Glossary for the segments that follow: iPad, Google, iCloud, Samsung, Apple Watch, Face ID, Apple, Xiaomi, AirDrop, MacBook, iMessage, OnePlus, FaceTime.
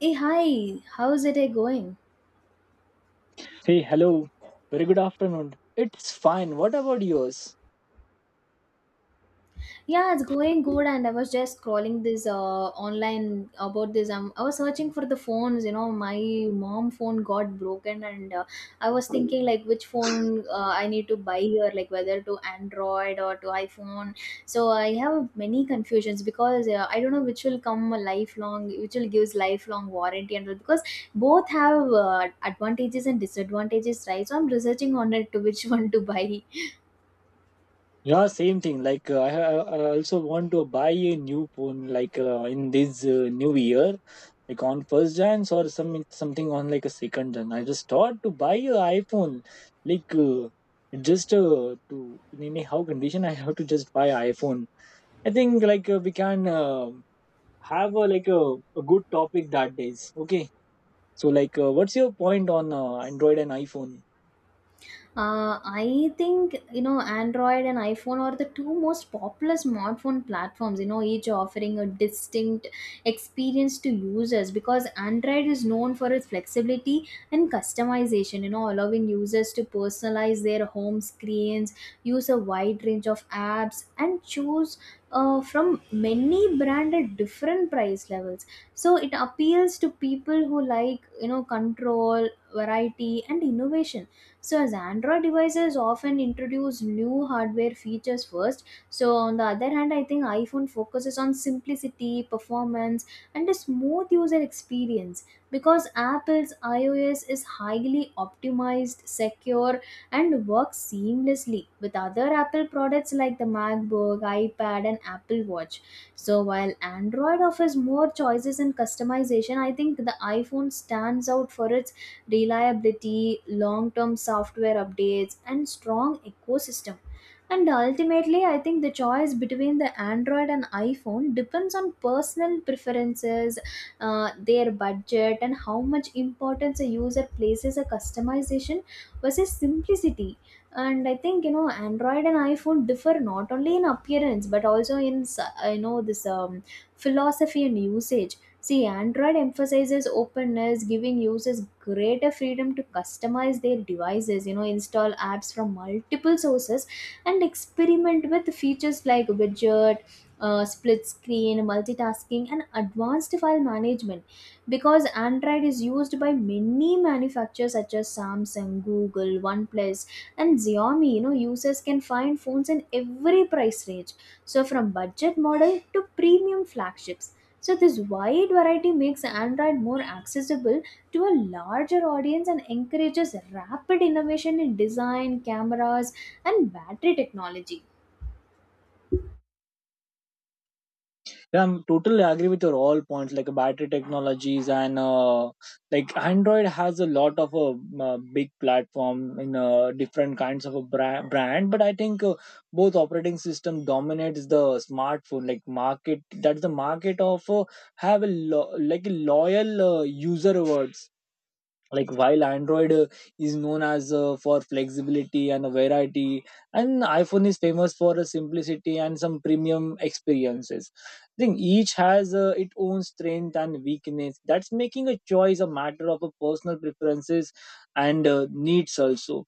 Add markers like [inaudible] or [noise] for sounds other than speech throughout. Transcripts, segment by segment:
Hey, hi, how's it going? Hey, hello. Very good afternoon. It's fine. What about yours? Yeah, it's going good. And I was just scrolling this online about this. I was searching for the phones. You know, my mom phone got broken, and I was thinking like which phone I need to buy here, like whether to Android or to iPhone. So I have many confusions because I don't know which will come a lifelong, which will gives lifelong warranty, and all, because both have advantages and disadvantages, right? So I'm researching on it to which [laughs] one to buy. Yeah, same thing. I also want to buy a new phone, like in this new year, like on first Jan or something on like a second Jan. I just thought to buy a iPhone, like just to in anyhow condition, [laughs] I have to just buy iPhone. I think we can have a, like a good topic that days. Okay, so what's your point on Android and iPhone? I think you know Android and iPhone are the two most popular smartphone platforms. You know, each offering a distinct experience to users because Android is known for its flexibility and customization. You know, allowing users to personalize their home screens, use a wide range of apps, and choose from many brand at different price levels. So it appeals to people who like you know control, variety, and innovation so, as Android devices often introduce new hardware features first, so on the other hand, I think iPhone focuses on simplicity, performance, and a smooth user experience because Apple's iOS is highly optimized, secure, and works seamlessly with other Apple products like the MacBook, iPad, and Apple Watch. So, while Android offers more choices and customization, I think the iPhone stands out for its reliability, long term software updates, and strong ecosystem. And ultimately, I think the choice between the Android and iPhone depends on personal preferences, their budget, and how much importance a user places a customization versus simplicity. And I think you know Android and iPhone differ not only in appearance but also in you know this philosophy and usage. See, Android emphasizes openness, giving users greater freedom to customize their devices, you know, install apps from multiple sources and experiment with features like widget, split screen, multitasking, and advanced file management. Because Android is used by many manufacturers such as Samsung, Google, OnePlus, and Xiaomi, you know, users can find phones in every price range. So, from budget model to premium flagships so, this wide variety makes Android more accessible to a larger audience and encourages rapid innovation in design, cameras, and battery technology. Yeah, I'm totally agree with your all points, like battery technologies and like Android has a lot of a big platform in different kinds of a brand. But I think both operating system dominates the smartphone like market. That's the market of have a like a loyal user awards like while android is known as for flexibility and variety, and iphone is famous for simplicity and some premium experiences. I think each has its own strength and weakness, that's making a choice a matter of a personal preferences and needs also.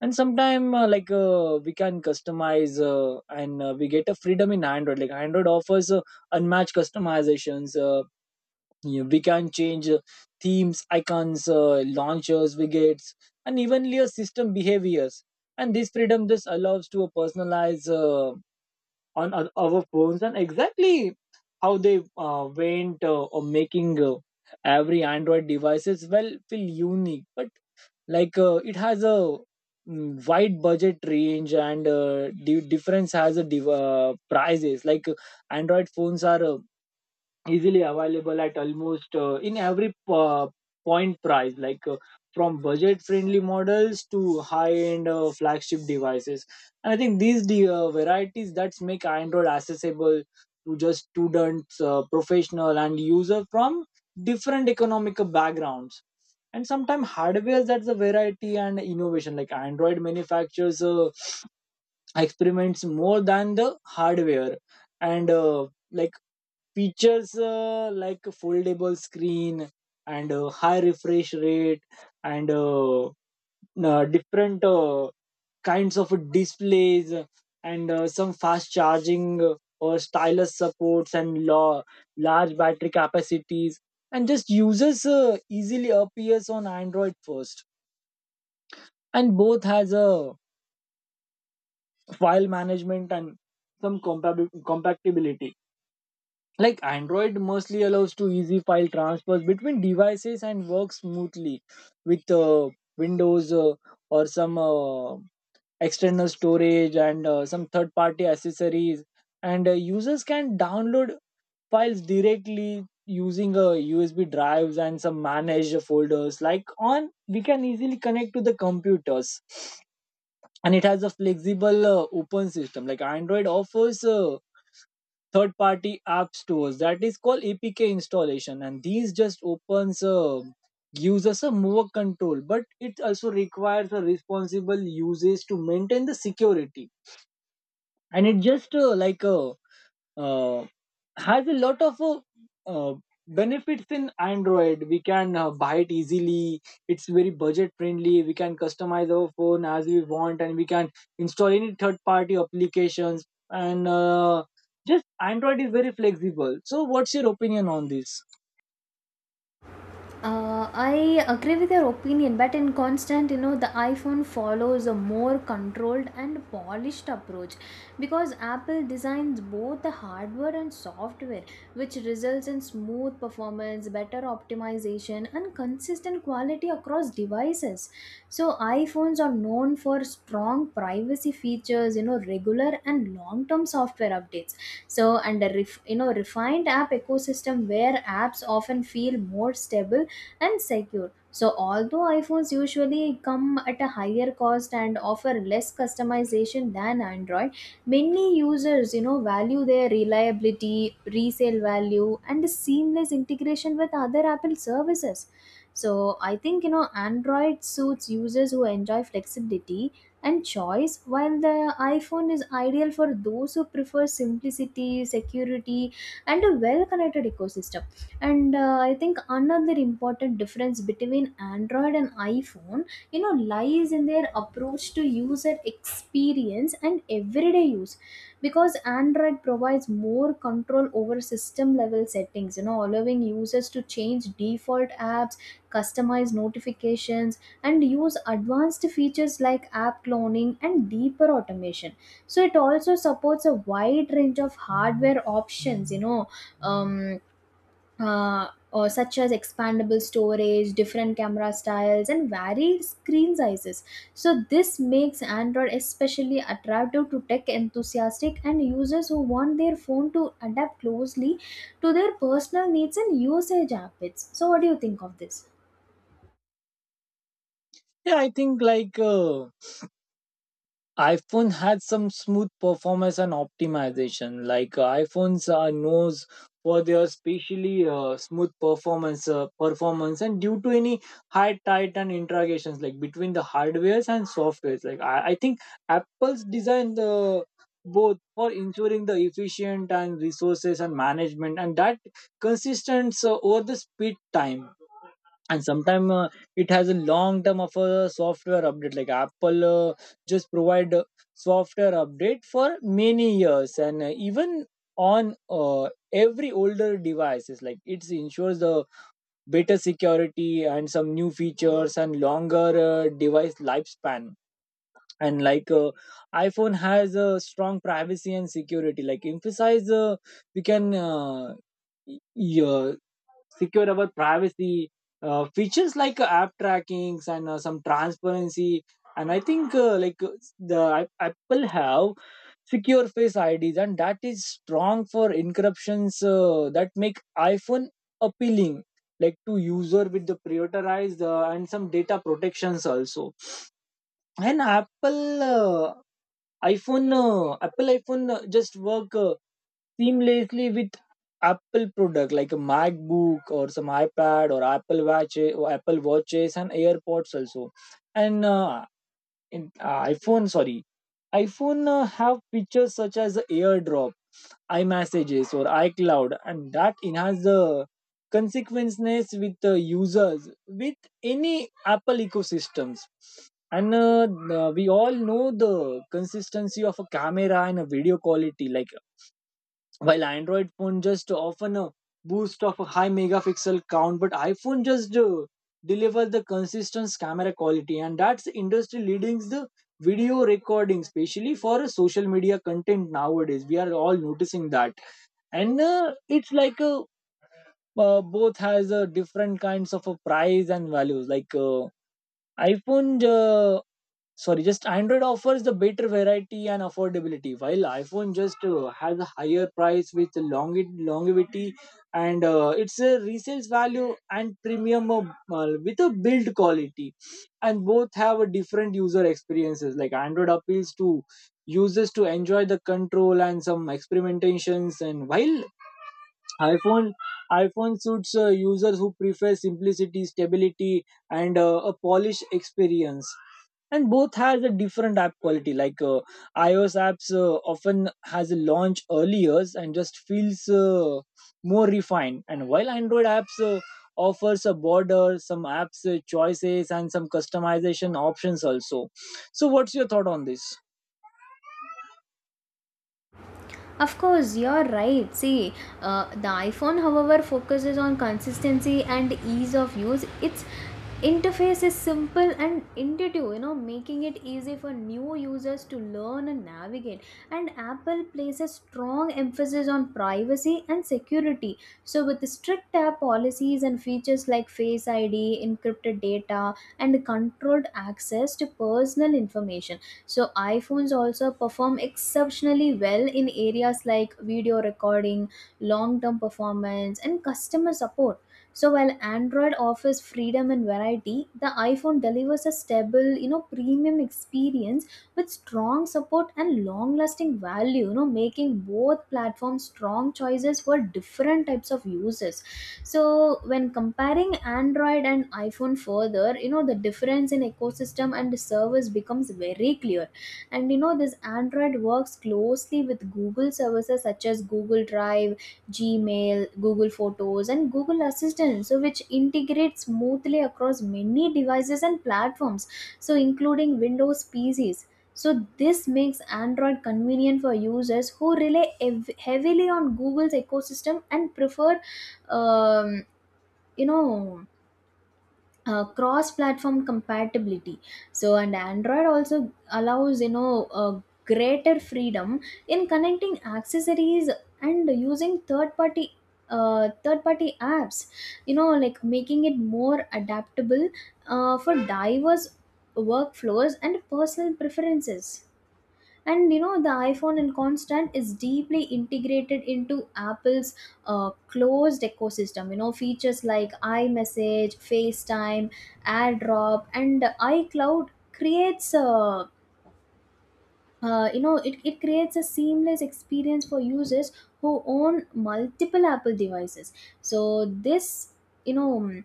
And sometimes we can customize and we get a freedom in android. Like android offers unmatched customizations. Yeah, we can change themes, icons, launchers, widgets, and evenly a system behaviors. And this freedom just allows to personalize on our phones, and exactly how they went or making every Android devices well feel unique. But it has a wide budget range and difference has a prices. Android phones are easily available at almost in every point price, from budget friendly models to high end flagship devices. And I think these the varieties that make android accessible to just students, professional and user from different economic backgrounds. And sometimes hardware, that's a variety and innovation. Like android manufacturers experiments more than the hardware and like features like a foldable screen and a high refresh rate and different kinds of displays and some fast charging or stylus supports and large battery capacities. And just users easily appears on android first. And both has a file management and some compatibility. Like Android mostly allows to easy file transfers between devices and works smoothly with Windows or some external storage and some third party accessories. And users can download files directly using USB drives and some managed folders. Like on, we can easily connect to the computers. And it has a flexible open system. Like android offers third party app stores, that is called apk installation, and these just opens gives us a more control, but it also requires a responsible usage to maintain the security. And it just uh, has a lot of uh, benefits in android. We can buy it easily, it's very budget friendly, we can customize our phone as we want, and we can install any third party applications. And just android is very flexible. So what's your opinion on this? I agree with your opinion, but in constant, you know, the iPhone follows a more controlled and polished approach because Apple designs both the hardware and software, which results in smooth performance, better optimization, and consistent quality across devices. So, iPhones are known for strong privacy features, you know, regular and long-term software updates. So, and a you know, refined app ecosystem where apps often feel more stable and secure. So, although iPhones usually come at a higher cost and offer less customization than Android, many users, you know, value their reliability, resale value, and seamless integration with other Apple services. So, I think you know, Android suits users who enjoy flexibility and choice, while the iPhone is ideal for those who prefer simplicity, security, and a well connected ecosystem. And I think another important difference between Android and iPhone, you know, lies in their approach to user experience and everyday use because Android provides more control over system level settings, you know, allowing users to change default apps, customize notifications, and use advanced features like app cloning and deeper automation. So it also supports a wide range of hardware options, you know, um, or such as expandable storage, different camera styles, and varied screen sizes. So this makes Android especially attractive to tech enthusiastic and users who want their phone to adapt closely to their personal needs and usage habits. So what do you think of this? Yeah, I think iPhone had some smooth performance and optimization. Like iPhones are knows for their specially smooth performance, and due to any high tight and integrations like between the hardwares and softwares. Like I think Apple's designed the both for ensuring the efficient and resources and management and that consistent over the speed time. And sometimes it has a long term of a software update. Like apple just provide a software update for many years, and even on every older devices, like it ensures the better security and some new features and longer device lifespan. And iphone has a strong privacy and security, like emphasize we can yeah, secure our privacy features like app trackings and some transparency. And I think the apple have secure face ids, and that is strong for encryptions that make iphone appealing like to user with the prioritized and some data protections also. And Apple iPhone just work seamlessly with Apple product like a MacBook or some iPad or Apple Watch or Apple Watches and AirPods also. And in iphone sorry iphone have features such as airdrop, iMessages or iCloud, and that enhance the consequences with the users with any Apple ecosystems. And we all know the consistency of a camera and a video quality. Like while android phone just often a boost of a high megapixel count, but iphone just deliver the consistent camera quality, and that's industry leading the video recording especially for a social media content nowadays, we are all noticing that. And it's like a both has a different kinds of a price and values. Like iphone sorry just android offers the better variety and affordability, while iphone just has a higher price with longevity, and it's a resales value and premium with a build quality. And both have a different user experiences. Like android appeals to users to enjoy the control and some experimentations, and while iphone iphone suits users who prefer simplicity, stability, and a polished experience. And both has a different app quality. Like ios apps often has a launch earlier and just feels more refined, and while android apps offers a border some apps choices and some customization options also. So what's your thought on this? Of course, you're right. See, the iPhone, however, focuses on consistency and ease of use. Its interface is simple and intuitive, you know, making it easy for new users to learn and navigate. And Apple places strong emphasis on privacy and security. So, with strict app policies and features like Face ID, encrypted data, and controlled access to personal information so, iPhones also perform exceptionally well in areas like video recording, long term performance, and customer support. So, while Android offers freedom and variety, the iPhone delivers a stable, you know, premium experience with strong support and long lasting value, you know, making both platforms strong choices for different types of uses. So when comparing Android and iPhone further, you know, the difference in ecosystem and service becomes very clear. And you know this Android works closely with Google services such as Google Drive, Gmail, Google Photos, and Google Assistant, so which integrates smoothly across many devices and platforms, so including Windows PCs. So this makes Android convenient for users who rely heavily on Google's ecosystem and prefer, um, you know, cross-platform compatibility. So and Android also allows, you know, greater freedom in connecting accessories and using third-party apps, you know, like making it more adaptable for diverse workflows and personal preferences. And you know the iPhone and constant is deeply integrated into Apple's closed ecosystem. You know, features like iMessage, FaceTime, AirDrop, and iCloud creates a you know it creates a seamless experience for users who own multiple Apple devices. So this, you know,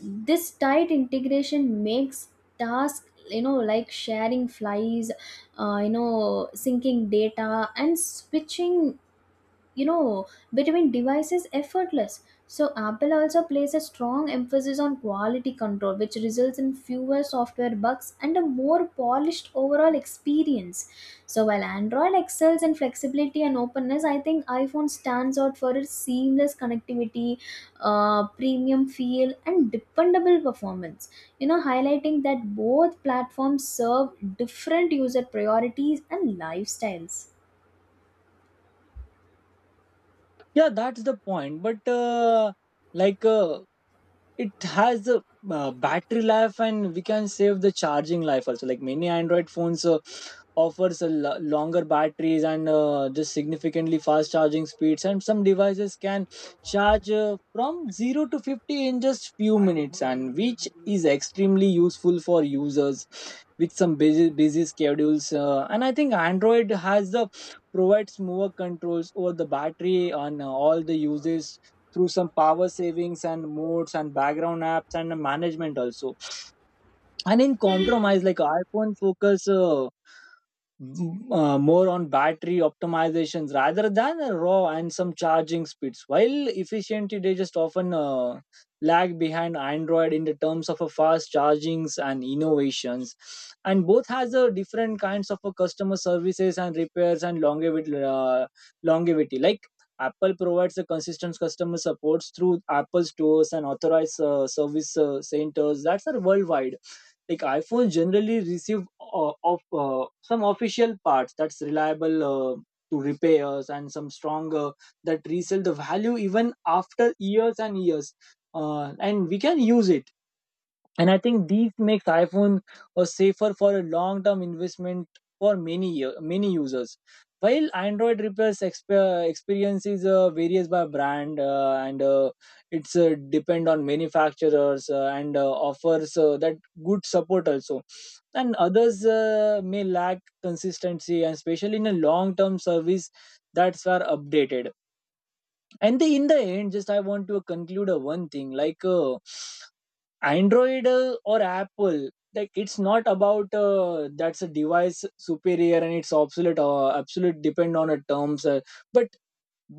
this tight integration makes tasks, you know, like sharing flies, you know, syncing data and switching, you know, between devices effortless. So Apple also places a strong emphasis on quality control which results in fewer software bugs and a more polished overall experience. So while Android excels in flexibility and openness, I think iPhone stands out for its seamless connectivity, premium feel, and dependable performance, you know, highlighting that both platforms serve different user priorities and lifestyles. Yeah, that's the point. But like uh, it has a battery life, and we can save the charging life also. Like many android phones offers a longer batteries and just significantly fast charging speeds, and some devices can charge from 0 to 50 in just few minutes, and which is extremely useful for users with some busy schedules. And I think android has the provides more controls over the battery on all the uses through some power savings and modes and background apps and management also. And in compromise, like iphone focus more on battery optimizations rather than a raw and some charging speeds. While efficiently they just often lag behind Android in the terms of a fast chargings and innovations, and both has a different kinds of a customer services and repairs and longevity. Longevity like Apple provides a consistent customer supports through Apple stores and authorized service centers that are worldwide. Like iPhones generally receive of some official parts that's reliable to repairs and some stronger that resell the value even after years and years, and we can use it. And I think these makes iphone a safer for a long term investment for many users, while android repairs experiences varies by brand, and it's depend on manufacturers and offers that good support also, and others may lack consistency and especially in a long term service that's were updated. And in the end, just I want to conclude one thing. Android or Apple, like it's not about that's a device superior, and it's obsolete or absolute depend on a terms, but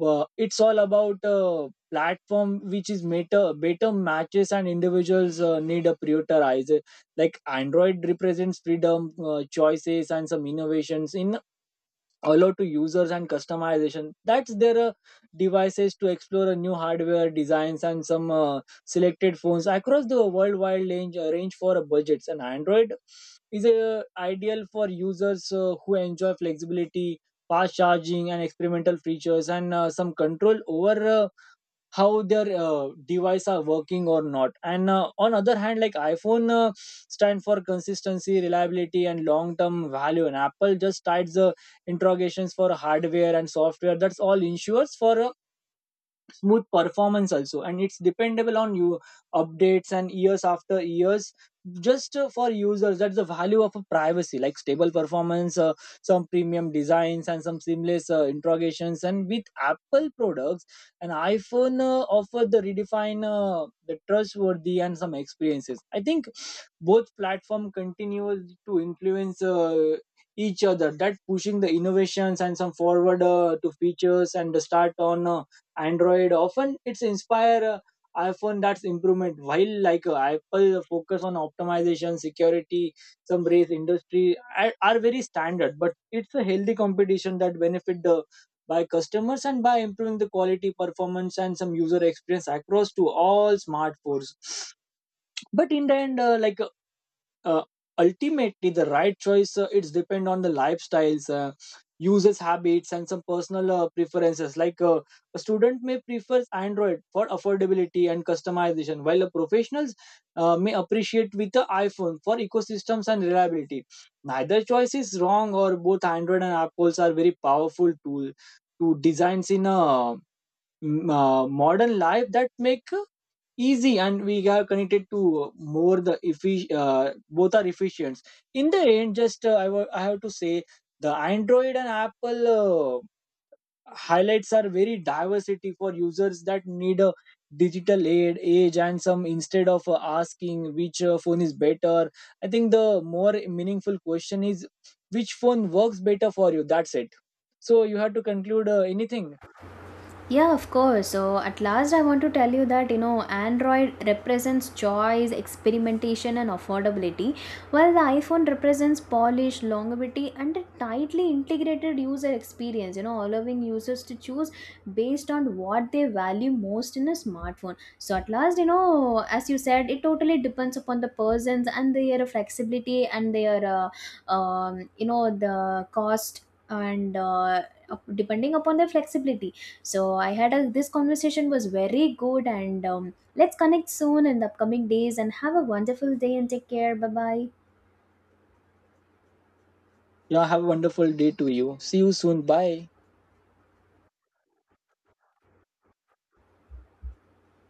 it's all about platform which is better matches and individuals need a prioritize. Like Android represents freedom, choices, and some innovations in allowed to users and customization, that's their devices to explore a new hardware designs and some selected phones across the worldwide range for budgets. And android is ideal for users who enjoy flexibility, fast charging, and experimental features and some control over how their device are working or not. And on other hand, like iphone stand for consistency, reliability, and long term value. And apple just tides the interrogations for hardware and software, that's all ensures for a smooth performance also, and it's dependable on you updates and years after years. Just for users, that's the value of a privacy, like stable performance, some premium designs, and some seamless interrogations, and with apple products, an iphone offer the redefine the trustworthy and some experiences. I think both platform continues to influence each other, that pushing the innovations and some forward to features. And the start on android often it's inspire iphone that's improvement, while like apple focus on optimization, security, some race industry are very standard, but it's a healthy competition that benefit the by customers and by improving the quality performance and some user experience across to all smartphones. But in the end, like uh, ultimately the right choice it's depend on the lifestyles, users habits and some personal preferences. A student may prefer android for affordability and customization, while a professionals may appreciate with the iphone for ecosystems and reliability. Neither choice is wrong, or both android and apples are very powerful tool to designs in a modern life that make easy, and we have connected to more both are efficient. In the end, just I have to say the android and apple highlights are very diversity for users that need a digital aid age and some, instead of asking which phone is better, I think the more meaningful question is which phone works better for you. That's it. So you have to conclude anything? Yeah, of course. So at last, I want to tell you that you know Android represents choice, experimentation, and affordability, while the iPhone represents polish, longevity, and a tightly integrated user experience. You know, allowing users to choose based on what they value most in a smartphone. So at last, you know, as you said, it totally depends upon the persons and their flexibility and their you know the cost and depending upon their flexibility. So I had a this conversation was very good and let's connect soon in the upcoming days and have a wonderful day and take care, bye bye. Yeah, have a wonderful day to you. See you soon, bye.